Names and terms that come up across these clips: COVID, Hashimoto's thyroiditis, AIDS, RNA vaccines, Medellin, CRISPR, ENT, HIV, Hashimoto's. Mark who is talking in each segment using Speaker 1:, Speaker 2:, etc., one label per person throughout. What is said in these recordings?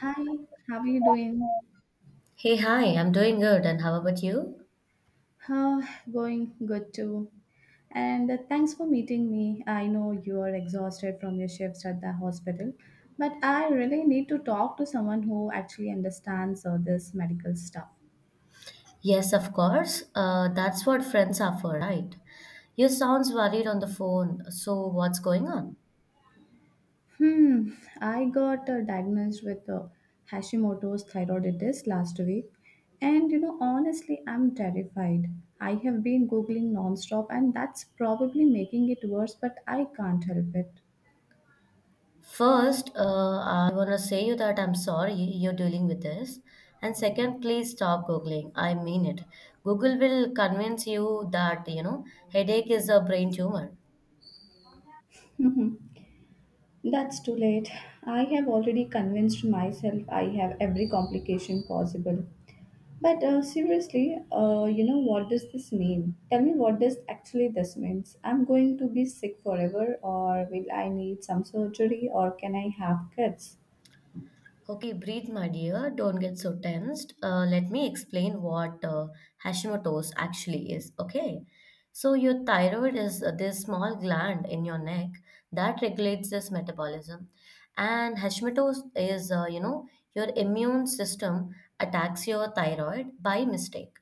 Speaker 1: Hi, how are you doing?
Speaker 2: Hey, hi, I'm doing good. And how about you?
Speaker 1: How going good too. And thanks for meeting me. I know you are exhausted from your shifts at the hospital, but I really need to talk to someone who actually understands this medical stuff.
Speaker 2: Yes, of course. That's what friends are for, right? You sounds worried on the phone. So, what's going on?
Speaker 1: Hmm, I got diagnosed with Hashimoto's thyroiditis last week, and you know, honestly, I'm terrified. I have been googling nonstop, and that's probably making it worse, but I can't help it.
Speaker 2: First, I want to say you that I'm sorry you're dealing with this. And second, please stop Googling. I mean it. Google will convince you that, headache is a brain tumor.
Speaker 1: That's too late. I have already convinced myself I have every complication possible. But seriously, you know what does this mean? Tell me what does actually this means. I'm going to be sick forever, or will I need some surgery, or can I have kids?
Speaker 2: Okay, breathe, my dear. Don't get so tensed. Let me explain what Hashimoto's actually is. Okay. So, your thyroid is this small gland in your neck that regulates this metabolism. And Hashimoto's is, your immune system attacks your thyroid by mistake.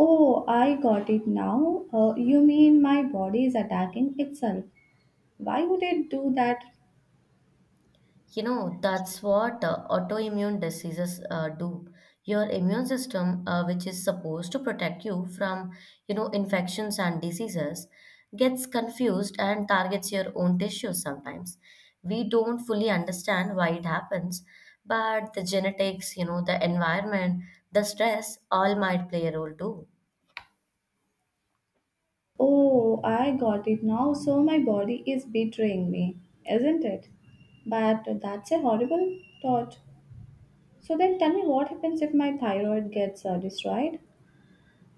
Speaker 1: Oh, I got it now. You mean my body is attacking itself? Why would it do that?
Speaker 2: That's what autoimmune diseases do. Your immune system, which is supposed to protect you from, infections and diseases, gets confused and targets your own tissues sometimes. We don't fully understand why it happens, but the genetics, the environment, the stress all might play a role too.
Speaker 1: Oh, I got it now. So my body is betraying me, isn't it? But that's a horrible thought. So then tell me what happens if my thyroid gets destroyed?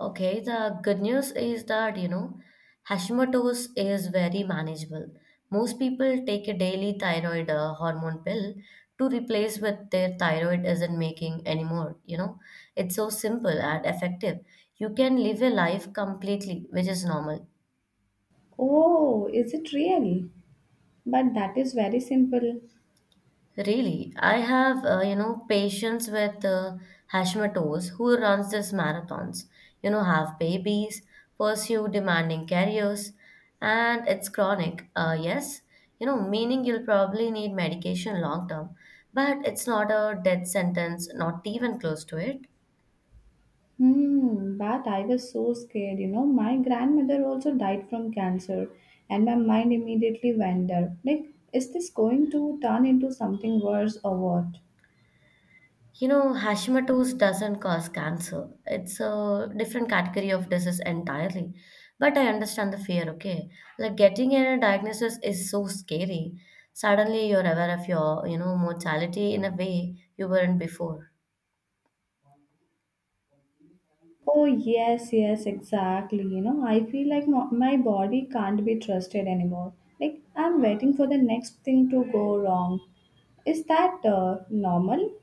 Speaker 2: Okay, the good news is that, Hashimoto's is very manageable. Most people take a daily thyroid hormone pill to replace what their thyroid isn't making anymore. It's so simple and effective. You can live a life completely, which is normal.
Speaker 1: Oh, is it real? But that is very simple.
Speaker 2: Really, I have, patience with Hashimoto's who runs these marathons, have babies, pursue demanding careers, and it's chronic. Yes, meaning you'll probably need medication long term, but it's not a death sentence, not even close to it.
Speaker 1: But I was so scared, you know. My grandmother also died from cancer, and my mind immediately went there. Like, is this going to turn into something worse or what?
Speaker 2: Hashimoto's doesn't cause cancer. It's a different category of disease entirely. But I understand the fear, okay? Like getting a diagnosis is so scary. Suddenly you're aware of your, mortality in a way you weren't before.
Speaker 1: Oh, yes, yes, exactly. You know, I feel like my body can't be trusted anymore. Like, I'm waiting for the next thing to go wrong. Is that normal?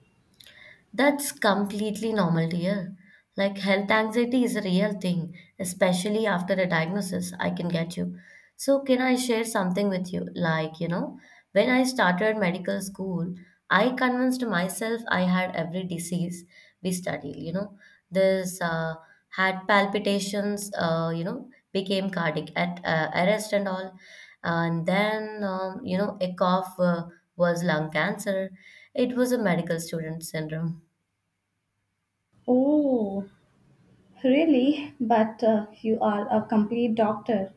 Speaker 2: That's completely normal, dear. Like health anxiety is a real thing, especially after a diagnosis, I can get you. So, can I share something with you? Like, when I started medical school, I convinced myself I had every disease we studied. This had palpitations, became cardiac at, arrest and all. And then, a cough was lung cancer. It was a medical student syndrome.
Speaker 1: Oh, really? But you are a complete doctor.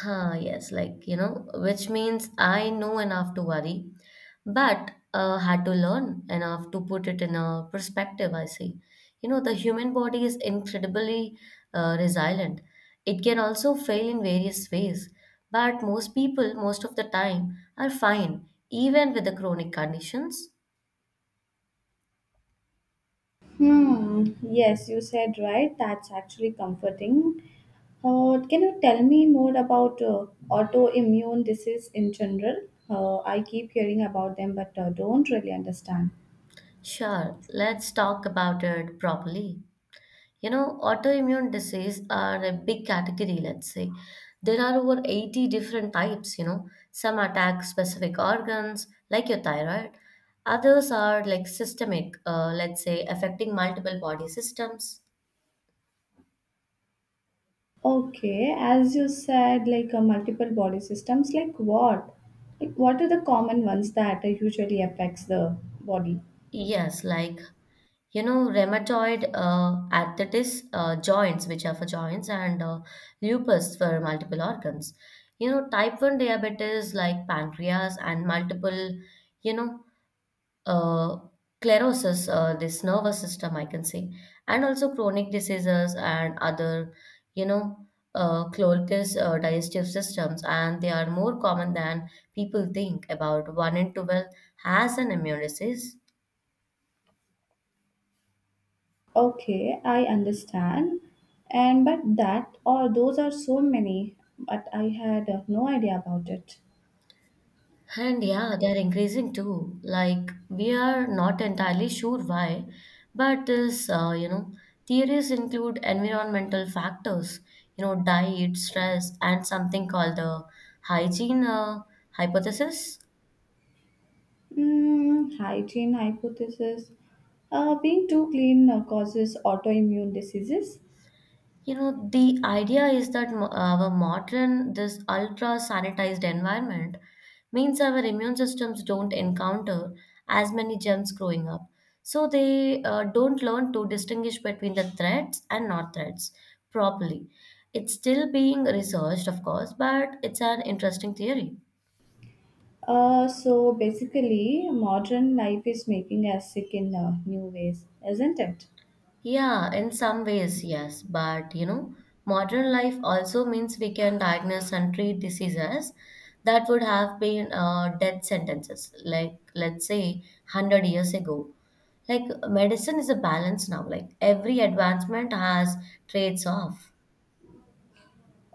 Speaker 2: Huh, yes, like, which means I know enough to worry, but had to learn enough to put it in a perspective, I see. The human body is incredibly resilient. It can also fail in various ways, but most people, most of the time, are fine, even with the chronic conditions.
Speaker 1: Yes, you said right. That's actually comforting. Can you tell me more about autoimmune disease in general? I keep hearing about them, but don't really understand.
Speaker 2: Sure, let's talk about it properly. Autoimmune disease are a big category, let's say. There are over 80 different types. Some attack specific organs, like your thyroid. Others are like systemic, let's say, affecting multiple body systems.
Speaker 1: Okay, as you said, like multiple body systems, like what? Like what are the common ones that usually affects the body?
Speaker 2: Yes, like, rheumatoid arthritis, joints, which are for joints, and lupus for multiple organs. Type 1 diabetes, like pancreas, and multiple, you know, uh, sclerosis, this nervous system, I can say, and also chronic diseases and other, you know, colitis, digestive systems, and they are more common than people think. About one in 12 has an immune disease.
Speaker 1: Okay, I understand. And but that or those are so many, but I had no idea about it.
Speaker 2: And yeah, they're increasing too. Like, we are not entirely sure why, but this, theories include environmental factors, diet, stress, and something called the hygiene hypothesis.
Speaker 1: Hygiene hypothesis. Being too clean causes autoimmune diseases.
Speaker 2: The idea is that our modern, this ultra sanitized environment means our immune systems don't encounter as many germs growing up. So they don't learn to distinguish between the threats and not threats properly. It's still being researched, of course, but it's an interesting theory.
Speaker 1: So basically, modern life is making us sick in new ways, isn't it?
Speaker 2: Yeah, in some ways, yes. But modern life also means we can diagnose and treat diseases that would have been death sentences, like let's say 100 years ago. Like medicine is a balance now, like every advancement has trades off.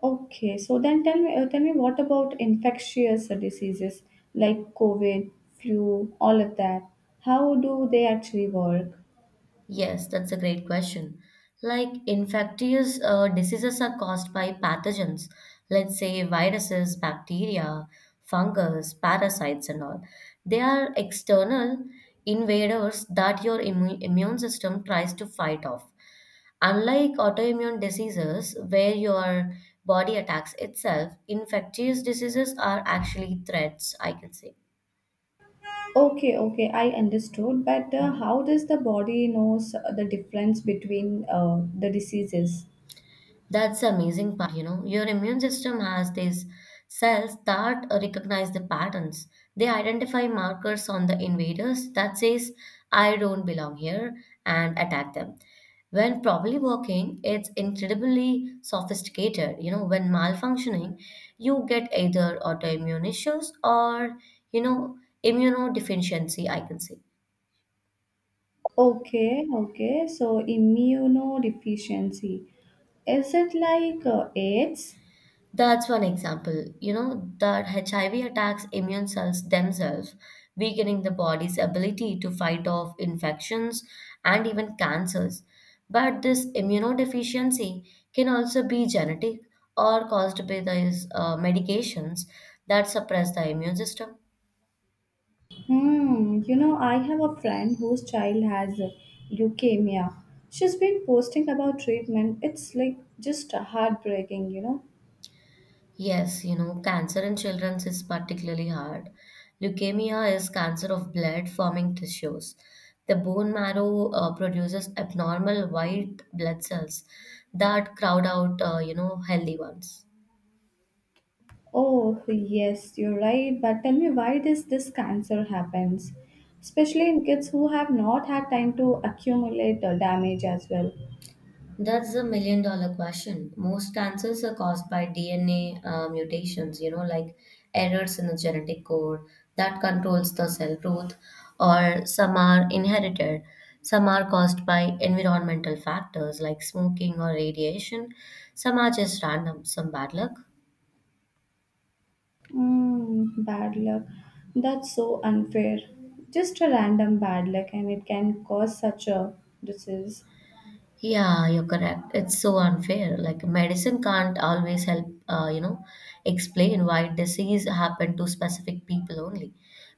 Speaker 1: Okay, so then tell me, tell me what about infectious diseases like COVID, flu, all of that? How do they actually work?
Speaker 2: Yes, that's a great question. Like infectious diseases are caused by pathogens, let's say viruses, bacteria, fungus, parasites, and all. They are external invaders that your immune system tries to fight off. Unlike autoimmune diseases, where your body attacks itself, infectious diseases are actually threats, I can say.
Speaker 1: Okay, okay, I understood, but how does the body knows the difference between the diseases?
Speaker 2: That's the amazing part, you know. Your immune system has these cells that recognize the patterns. They identify markers on the invaders that says, I don't belong here, and attack them. When properly working, it's incredibly sophisticated. When malfunctioning, you get either autoimmune issues or, you know, immunodeficiency, I can say.
Speaker 1: Okay, okay, so immunodeficiency. Is it like AIDS?
Speaker 2: That's one example. That HIV attacks immune cells themselves, weakening the body's ability to fight off infections and even cancers. But this immunodeficiency can also be genetic or caused by these medications that suppress the immune system.
Speaker 1: You know, I have a friend whose child has leukemia. She's been posting about treatment. It's like just heartbreaking, you know.
Speaker 2: Yes, cancer in children is particularly hard. Leukemia is cancer of blood forming tissues. The bone marrow produces abnormal white blood cells that crowd out, healthy ones.
Speaker 1: Oh, yes, you're right. But tell me why does this cancer happens? Especially in kids who have not had time to accumulate damage as well.
Speaker 2: That's the million dollar question. Most cancers are caused by DNA mutations, like errors in the genetic code that controls the cell growth, or some are inherited. Some are caused by environmental factors like smoking or radiation. Some are just random, some bad luck.
Speaker 1: Bad luck. That's so unfair. Just a random bad luck, and it can cause such a disease.
Speaker 2: Yeah, you're correct. It's so unfair. Like medicine can't always help, explain why disease happened to specific people only.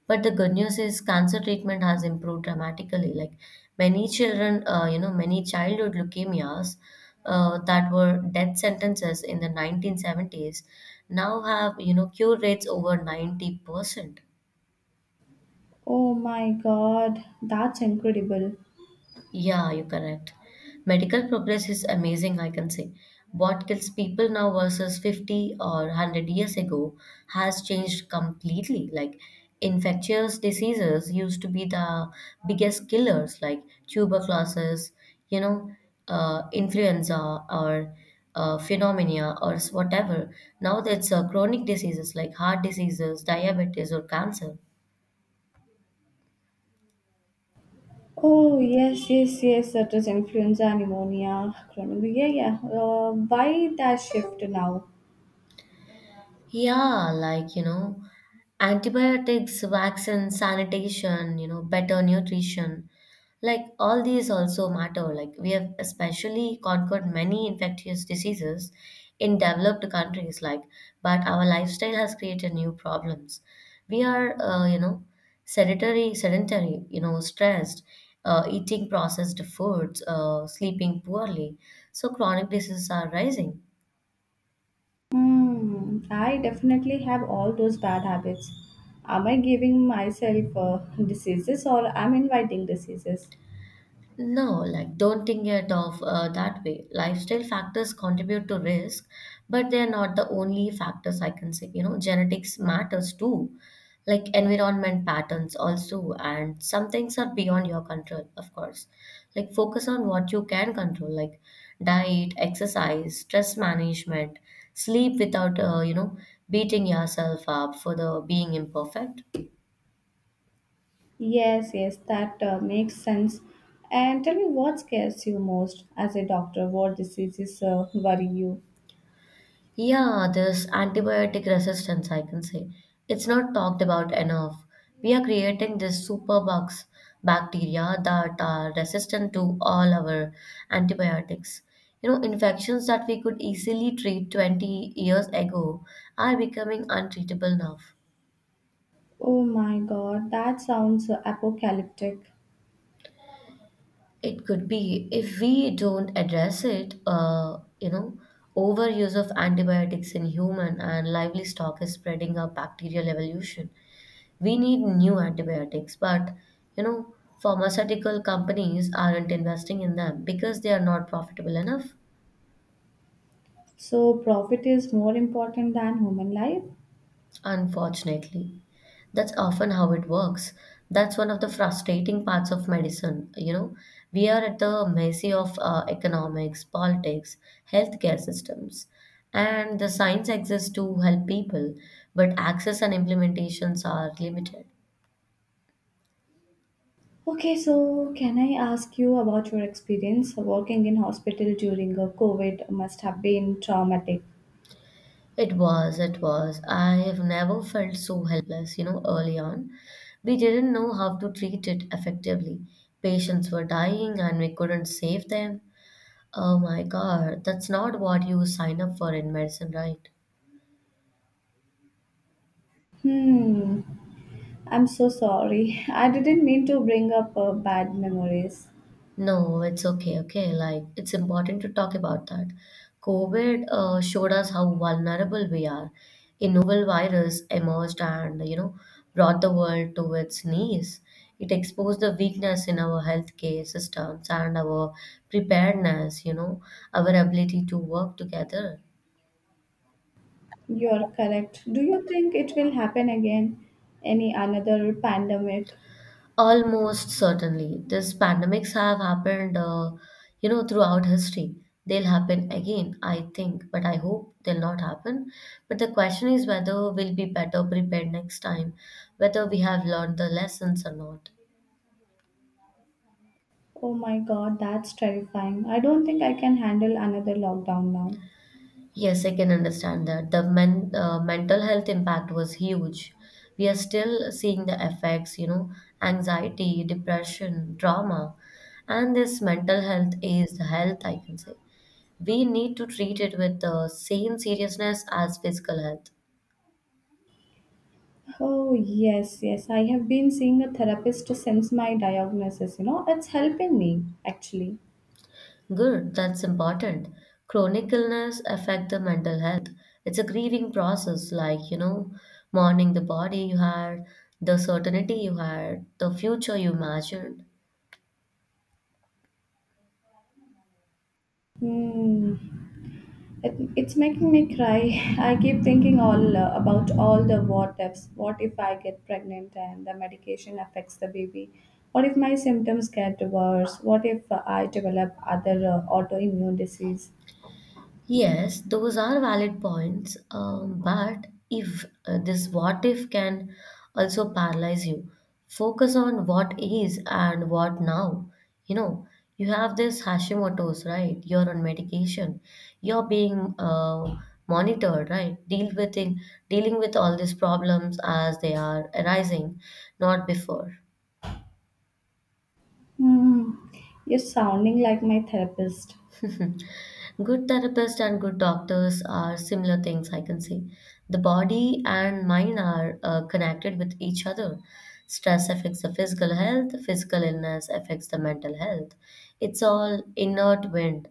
Speaker 2: But the good news is cancer treatment has improved dramatically. Like many children, many childhood leukemias that were death sentences in the 1970s now have, cure rates over 90%.
Speaker 1: Oh my god, that's incredible.
Speaker 2: Yeah, you're correct. Medical progress is amazing, I can say. What kills people now versus 50 or 100 years ago has changed completely. Like, infectious diseases used to be the biggest killers, like tuberculosis, you know, influenza or pneumonia or whatever. Now that's chronic diseases like heart diseases, diabetes, or cancer.
Speaker 1: Oh yes, yes, yes. That is influenza pneumonia. Chronic. Yeah, yeah. Why that shift now?
Speaker 2: Yeah, like, antibiotics, vaccines, sanitation, better nutrition. Like, all these also matter. Like, we have especially conquered many infectious diseases in developed countries, like, but our lifestyle has created new problems. We are, sedentary, stressed, eating processed foods, sleeping poorly. So, chronic diseases are rising.
Speaker 1: Hmm. I definitely have all those bad habits. Am I giving myself diseases or I'm inviting diseases?
Speaker 2: No, like don't think it of that way. Lifestyle factors contribute to risk, but they are not the only factors I can say. Genetics matters too, like environment patterns also, and some things are beyond your control, of course. Like focus on what you can control, like diet, exercise, stress management, sleep without beating yourself up for the being imperfect.
Speaker 1: Yes, yes. That makes sense. And tell me what scares you most as a doctor. What diseases worry you?
Speaker 2: Yeah, this antibiotic resistance, I can say. It's not talked about enough. We are creating these superbugs, bacteria that are resistant to all our antibiotics. Infections that we could easily treat 20 years ago are becoming untreatable now.
Speaker 1: Oh my God, that sounds apocalyptic.
Speaker 2: It could be if we don't address it, overuse of antibiotics in human and livestock is spreading a bacterial evolution. We need new antibiotics, but you know, pharmaceutical companies aren't investing in them because they are not profitable enough.
Speaker 1: So profit is more important than human life.
Speaker 2: Unfortunately, that's often how it works. That's one of the frustrating parts of medicine. We are at the mercy of economics, politics, healthcare systems. And the science exists to help people, but access and implementations are limited.
Speaker 1: Okay, so can I ask you about your experience working in hospital during a COVID must have been traumatic.
Speaker 2: It was. I have never felt so helpless, early on. We didn't know how to treat it effectively. Patients were dying and we couldn't save them. Oh my God, that's not what you sign up for in medicine, right?
Speaker 1: Hmm, I'm so sorry. I didn't mean to bring up bad memories.
Speaker 2: No, it's okay, okay. Like, it's important to talk about that. COVID showed us how vulnerable we are. A novel virus emerged and, brought the world to its knees. It exposed the weakness in our healthcare systems and our preparedness, our ability to work together.
Speaker 1: You're correct. Do you think it will happen again? Any another pandemic?
Speaker 2: Almost certainly. These pandemics have happened, throughout history. They'll happen again, I think, but I hope they'll not happen. But the question is whether we'll be better prepared next time, whether we have learned the lessons or not.
Speaker 1: Oh my god, that's terrifying. I don't think I can handle another lockdown now.
Speaker 2: Yes, I can understand that. The mental health impact was huge. We are still seeing the effects, anxiety, depression, trauma, and this mental health is the health, I can say. We need to treat it with the same seriousness as physical health.
Speaker 1: Oh, yes, yes. I have been seeing a therapist since my diagnosis. You know, it's helping me actually.
Speaker 2: Good, that's important. Chronic illness affect the mental health. It's a grieving process, like mourning the body you had, the certainty you had, the future you imagined.
Speaker 1: Hmm. It's making me cry. I keep thinking all about all the what ifs. What if I get pregnant and the medication affects the baby? What if my symptoms get worse? What if I develop other autoimmune disease?
Speaker 2: Yes, those are valid points. But if this what if can also paralyze you, focus on what is and what now. You know, you have this Hashimoto's, right? You're on medication. You're being monitored, right? Deal with it, dealing with all these problems as they are arising, not before.
Speaker 1: Hmm. You're sounding like my therapist.
Speaker 2: Good therapists and good doctors are similar things, I can say. The body and mind are connected with each other. Stress affects the physical health, physical illness affects the mental health. It's all inert wind.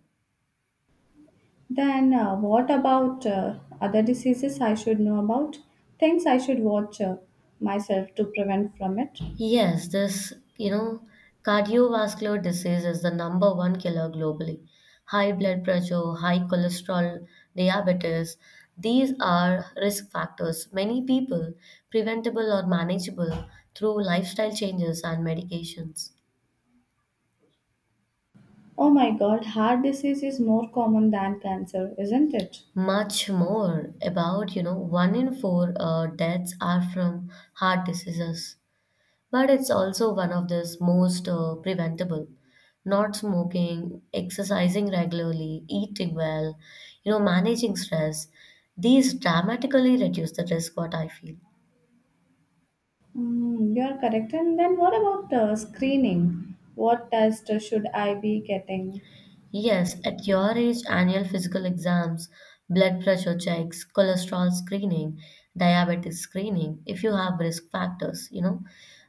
Speaker 1: Then what about other diseases I should know about? Things I should watch myself to prevent from it?
Speaker 2: Yes, you know, cardiovascular disease is the number one killer globally. High blood pressure, high cholesterol, diabetes, these are risk factors. Many people preventable or manageable through lifestyle changes and medications.
Speaker 1: Oh my god, heart disease is more common than cancer, isn't it?
Speaker 2: Much more about, you know, one in four deaths are from heart diseases, but it's also one of the most preventable. Not smoking, exercising regularly, eating well, you know, managing stress, these dramatically reduce the risk, what I feel.
Speaker 1: You are correct. And then what about screening? What test should I be getting?
Speaker 2: Yes, at your age, annual physical exams, blood pressure checks, cholesterol screening, diabetes screening, if you have risk factors, you know,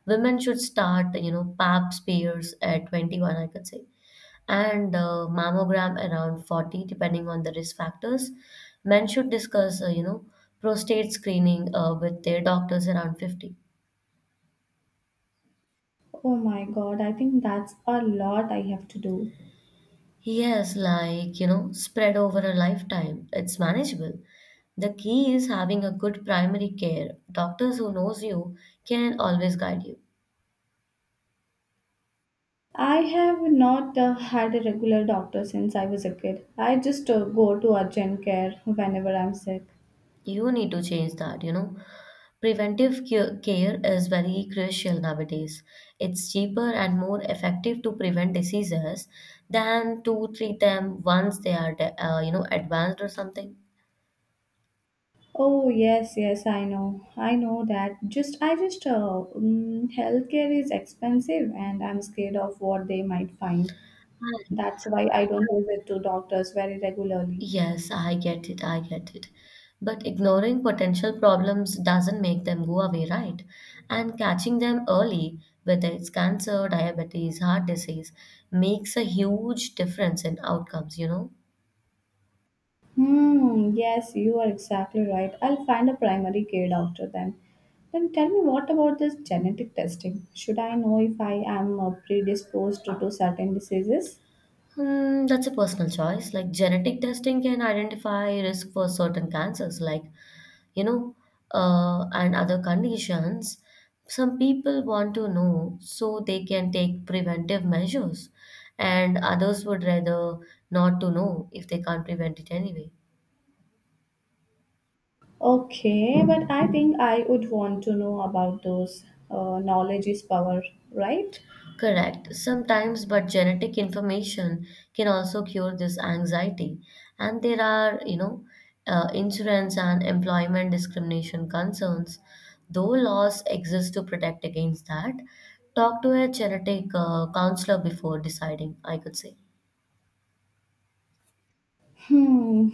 Speaker 2: women should start, you know, pap smears at 21, I could say. And mammogram around 40 depending on the risk factors. Men should discuss prostate screening with their doctors around 50.
Speaker 1: Oh my god, I think that's a lot I have to do.
Speaker 2: Yes, like, you know, spread over a lifetime, it's manageable. The key is having a good primary care doctors who knows you, can always guide you.
Speaker 1: I have not had a regular doctor since I was a kid. I just go to urgent care whenever I'm sick.
Speaker 2: You need to change that, you know. Preventive care is very crucial nowadays. It's cheaper and more effective to prevent diseases than to treat them once they are, you know, advanced or something.
Speaker 1: Oh yes, yes, I know. I know that. Just I just mm, Healthcare is expensive and I'm scared of what they might find.
Speaker 2: Right.
Speaker 1: That's why I don't visit to doctors very regularly.
Speaker 2: Yes, I get it. I get it. But ignoring potential problems doesn't make them go away, right? And catching them early, whether it's cancer, diabetes, heart disease, makes a huge difference in outcomes, you know?
Speaker 1: Yes, you are exactly right. I'll find a primary care doctor then. Then tell me what about this genetic testing? Should I know if I am predisposed to certain diseases?
Speaker 2: Hmm, that's a personal choice. Like, genetic testing can identify risk for certain cancers, like, you know, and other conditions. Some people want to know so they can take preventive measures, and others would rather not to know if they can't prevent it anyway.
Speaker 1: Okay, but I think I would want to know about those. Knowledge is power, right?
Speaker 2: Correct. Sometimes, but genetic information can also cure this anxiety. And there are, insurance and employment discrimination concerns. Though laws exist to protect against that, talk to a genetic counselor before deciding, I could say.
Speaker 1: Hmm.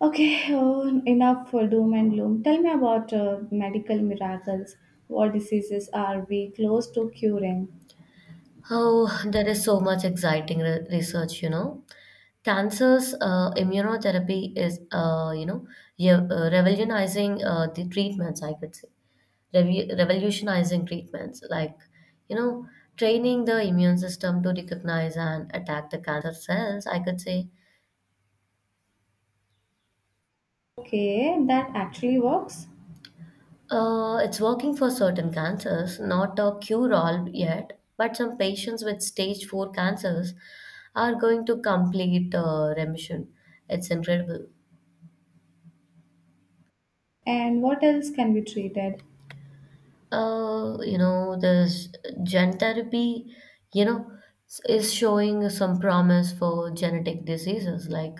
Speaker 1: Okay, oh, enough for doom and gloom. Tell me about medical miracles. What diseases are we close to curing?
Speaker 2: Oh, there is so much exciting research, you know. Cancer's immunotherapy is, you know, ye- revolutionizing the treatments, I could say. Revu- revolutionizing treatments like, you know, training the immune system to recognize and attack the cancer cells, I could say.
Speaker 1: Okay, that actually works.
Speaker 2: It's working for certain cancers, not a cure all yet, but some patients with stage 4 cancers are going to complete remission. It's incredible.
Speaker 1: And what else can be treated?
Speaker 2: This gen therapy, you know, is showing some promise for genetic diseases like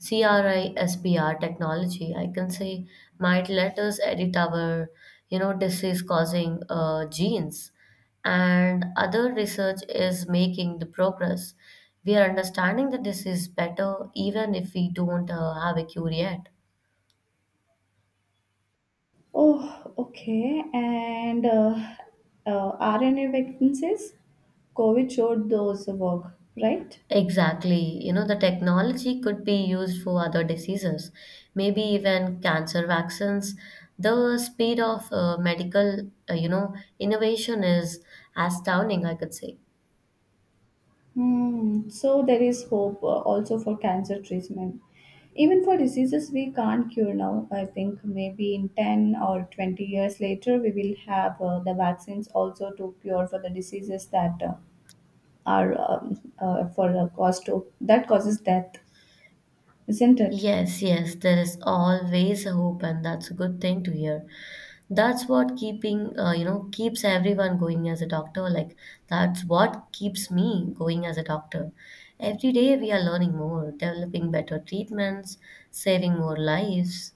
Speaker 2: CRISPR technology. I can say might let us edit our, you know, disease-causing genes. And other research is making the progress. We are understanding the disease better, even if we don't have a cure yet.
Speaker 1: Oh, okay. And RNA vaccines? COVID showed those work, right?
Speaker 2: Exactly. You know, the technology could be used for other diseases, maybe even cancer vaccines. The speed of medical, you know, innovation is astounding, I could say.
Speaker 1: Hmm. So there is hope also for cancer treatment. Even for diseases we can't cure now, I think maybe in 10 or 20 years later, we will have the vaccines also to cure for the diseases that are for a cause to that causes death, isn't it?
Speaker 2: Yes, yes, there is always a hope, and that's a good thing to hear. That's what keeps everyone going as a doctor. Like, that's what keeps me going as a doctor. Every day we are learning more, developing better treatments, saving more lives.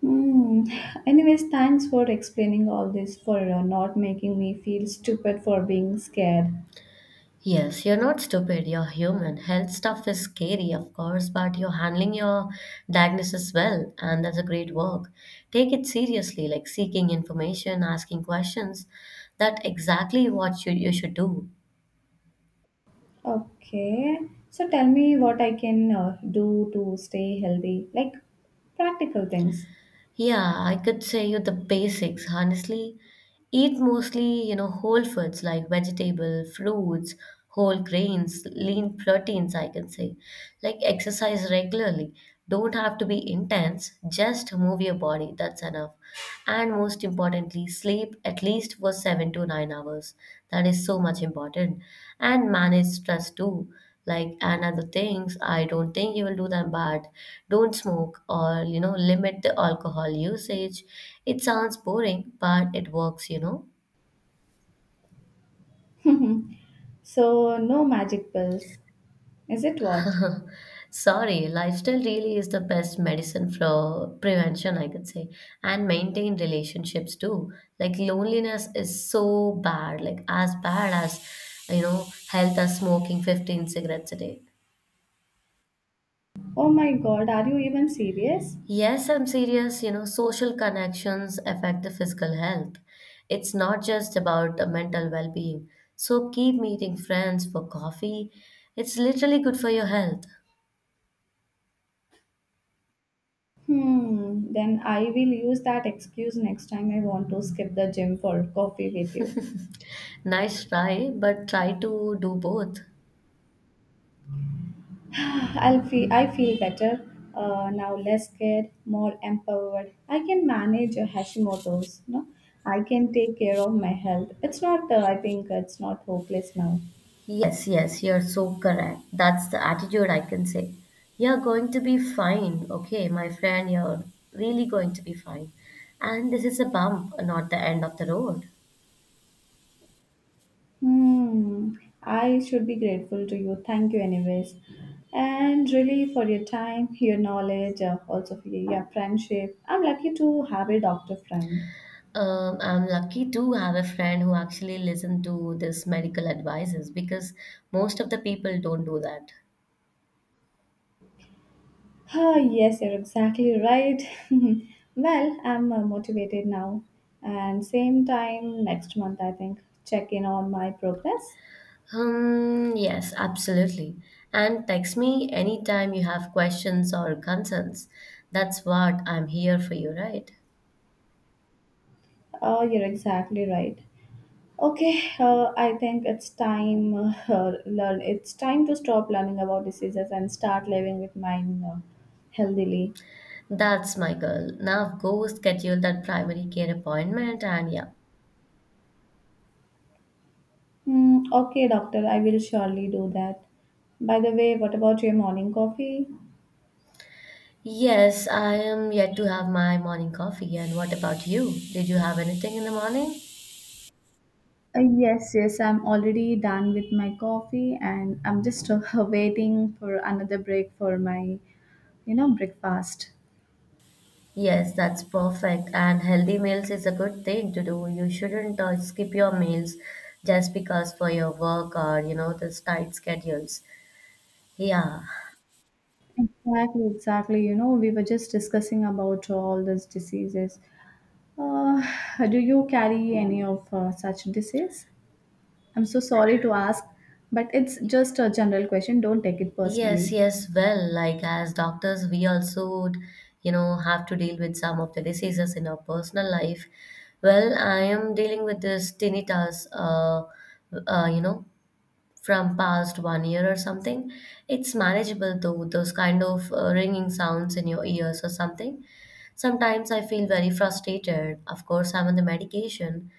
Speaker 1: Hmm. Anyways, thanks for explaining all this, for not making me feel stupid for being scared.
Speaker 2: Yes, you're not stupid, you're human. Health stuff is scary, of course, but you're handling your diagnosis well, and that's a great work. Take it seriously, like seeking information, asking questions. That's exactly what you should do.
Speaker 1: Okay. So tell me what I can do to stay healthy, like practical things.
Speaker 2: Yeah, I could say you the basics, honestly. Eat mostly, you know, whole foods like vegetable, fruits, whole grains, lean proteins, I can say. Like, exercise regularly. Don't have to be intense, just move your body, that's enough. And most importantly, sleep at least for 7 to 9 hours. That is so much important. And manage stress too. Like and other things, I don't think you will do them. But don't smoke, or, you know, limit the alcohol usage. It sounds boring, but it works, you know.
Speaker 1: So, no magic pills. Is it what?
Speaker 2: Sorry, lifestyle really is the best medicine for prevention, I could say, and maintain relationships too. Like, loneliness is so bad, like as bad as, you know, health as smoking 15 cigarettes a day.
Speaker 1: Oh my god, are you even serious?
Speaker 2: Yes, I'm serious, you know, social connections affect the physical health. It's not just about the mental well-being. So keep meeting friends for coffee. It's literally good for your health.
Speaker 1: Hmm, then I will use that excuse next time I want to skip the gym for coffee with you.
Speaker 2: Nice try, but try to do both.
Speaker 1: I feel better now, less scared, more empowered. I can manage Hashimoto's. No, I can take care of my health. It's not. I think it's not hopeless now.
Speaker 2: Yes, yes, you're so correct. That's the attitude, I can say. You're going to be fine, okay, my friend, you're really going to be fine. And this is a bump, not the end of the road.
Speaker 1: Hmm. I should be grateful to you. Thank you, anyways, and really for your time, your knowledge, also for your friendship. I'm lucky to have a doctor friend.
Speaker 2: I'm lucky to have a friend who actually listened to this medical advices, because most of the people don't do that.
Speaker 1: Ah, yes, you're exactly right. Well, I'm motivated now. And same time next month, I think, check in on my progress.
Speaker 2: Yes, absolutely. And text me anytime you have questions or concerns. That's what I'm here for you, right?
Speaker 1: Oh, you're exactly right. Okay, I think it's time learn. It's time to stop learning about diseases and start living with mine healthily.
Speaker 2: That's my girl. Now go schedule that primary care appointment and yeah.
Speaker 1: Hmm. Okay, doctor, I will surely do that. By the way, what about your morning coffee?
Speaker 2: Yes, I am yet to have my morning coffee. And what about you? Did you have anything in the morning?
Speaker 1: Yes, yes, I'm already done with my coffee and I'm just waiting for another break for my, you know, breakfast.
Speaker 2: Yes, that's perfect. And healthy meals is a good thing to do. You shouldn't skip your meals just because for your work or, you know, the tight schedules. Yeah.
Speaker 1: Exactly, exactly. You know, we were just discussing about all these diseases. Uh, do you carry any of such disease? I'm so sorry to ask, but it's just a general question. Don't take it
Speaker 2: Yes,
Speaker 1: personally.
Speaker 2: yes. Well, like as doctors, we also would, you know, have to deal with some of the diseases in our personal life. Well, I am dealing with this tinnitus, you know, from past 1 year or something. It's manageable though, those kind of ringing sounds in your ears or something. Sometimes I feel very frustrated. Of course, I'm on the medication,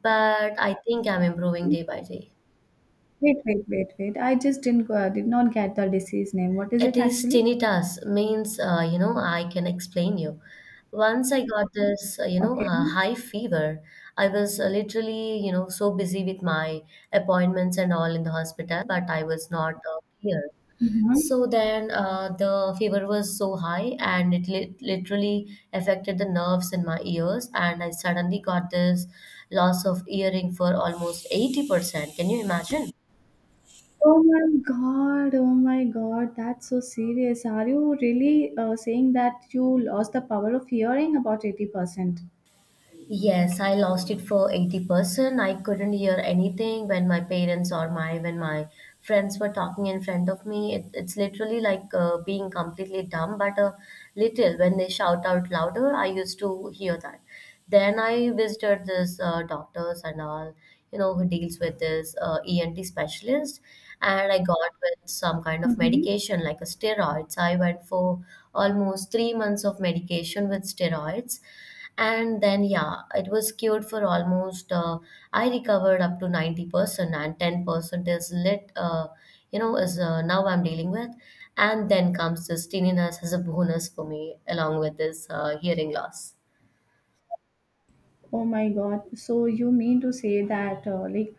Speaker 2: but I think I'm improving day by day.
Speaker 1: Wait, wait, wait, wait. I just didn't did not get the disease name. What is
Speaker 2: It
Speaker 1: it
Speaker 2: is
Speaker 1: actually?
Speaker 2: tinnitus means, you know, I can explain you. Once I got this,
Speaker 1: Okay.
Speaker 2: high fever, I was literally, you know, so busy with my appointments and all in the hospital, but I was not clear.
Speaker 1: Mhm.
Speaker 2: So then the fever was so high and it literally affected the nerves in my ears, and I suddenly got this loss of hearing for almost 80%. Can you imagine?
Speaker 1: Oh my oh my god, that's so serious. Are you really saying that you lost the power of hearing about 80%?
Speaker 2: Yes, I lost it for 80%. I couldn't hear anything when my parents or my when my friends were talking in front of me. It's literally like being completely dumb, but a little when they shout out louder, I used to hear that. Then I visited this doctors and all, you know, who deals with this ENT specialist, and I got with some kind of
Speaker 1: Mm-hmm.
Speaker 2: medication like a steroids. I went for almost 3 months of medication with steroids, and then yeah, it was cured for almost I recovered up to 90%, and 10% is lit you know is now I'm dealing with. And then comes this tinnitus as a bonus for me along with this hearing loss.
Speaker 1: Oh my god. So you mean to say that like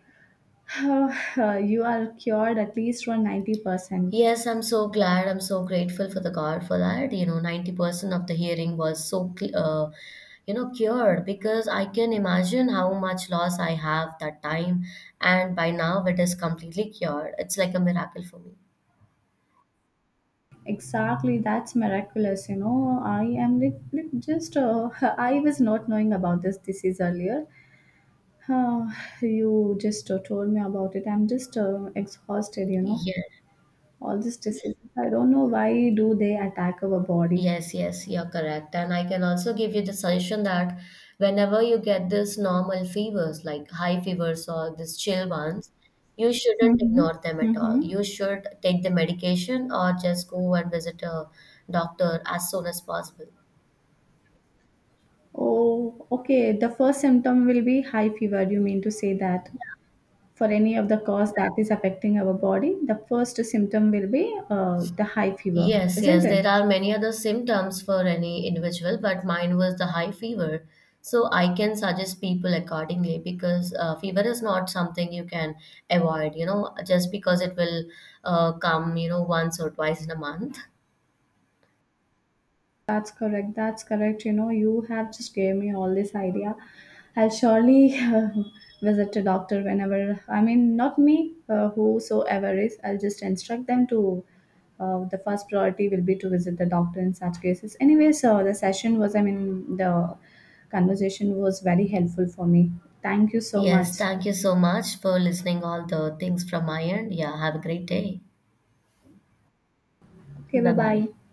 Speaker 1: you are cured at least for 90%.
Speaker 2: Yes, I'm so glad. I'm so grateful for the God for that. You know, 90% of the hearing was so, you know, cured, because I can imagine how much loss I have that time. And by now it is completely cured. It's like a miracle for me.
Speaker 1: Exactly, that's miraculous, you know. I am like just I was not knowing about this disease earlier. Uh, you just told me about it. I'm just exhausted, you know.
Speaker 2: Yeah.
Speaker 1: All these diseases. I don't know why do they attack our body.
Speaker 2: Yes, yes, you're correct. And I can also give you the suggestion that whenever you get this normal fevers, like high fevers or these chill ones, you shouldn't
Speaker 1: Mm-hmm.
Speaker 2: ignore them at all.
Speaker 1: Mm-hmm.
Speaker 2: You should take the medication or just go and visit a doctor as soon as possible.
Speaker 1: Oh, okay. The first symptom will be high fever. You mean to say that for any of the cause that is affecting our body, the first symptom will be the high fever,
Speaker 2: Yes, yes,
Speaker 1: isn't it?
Speaker 2: there are many other symptoms for any individual, but mine was the high fever. So I can suggest people accordingly because fever is not something you can avoid, you know, just because it will come, you know, once or twice in a month.
Speaker 1: That's correct. That's correct. You know, you have just gave me all this idea. I'll surely visit a doctor whenever. I mean, not me, whosoever is. I'll just instruct them to. The first priority will be to visit the doctor in such cases. Anyway, so the session was. I mean, the conversation was very helpful for me. Thank you so
Speaker 2: Yes,
Speaker 1: much.
Speaker 2: thank you so much for listening all the things from my end. Yeah, have a great day.
Speaker 1: Okay. Bye
Speaker 2: Bye bye.
Speaker 1: bye.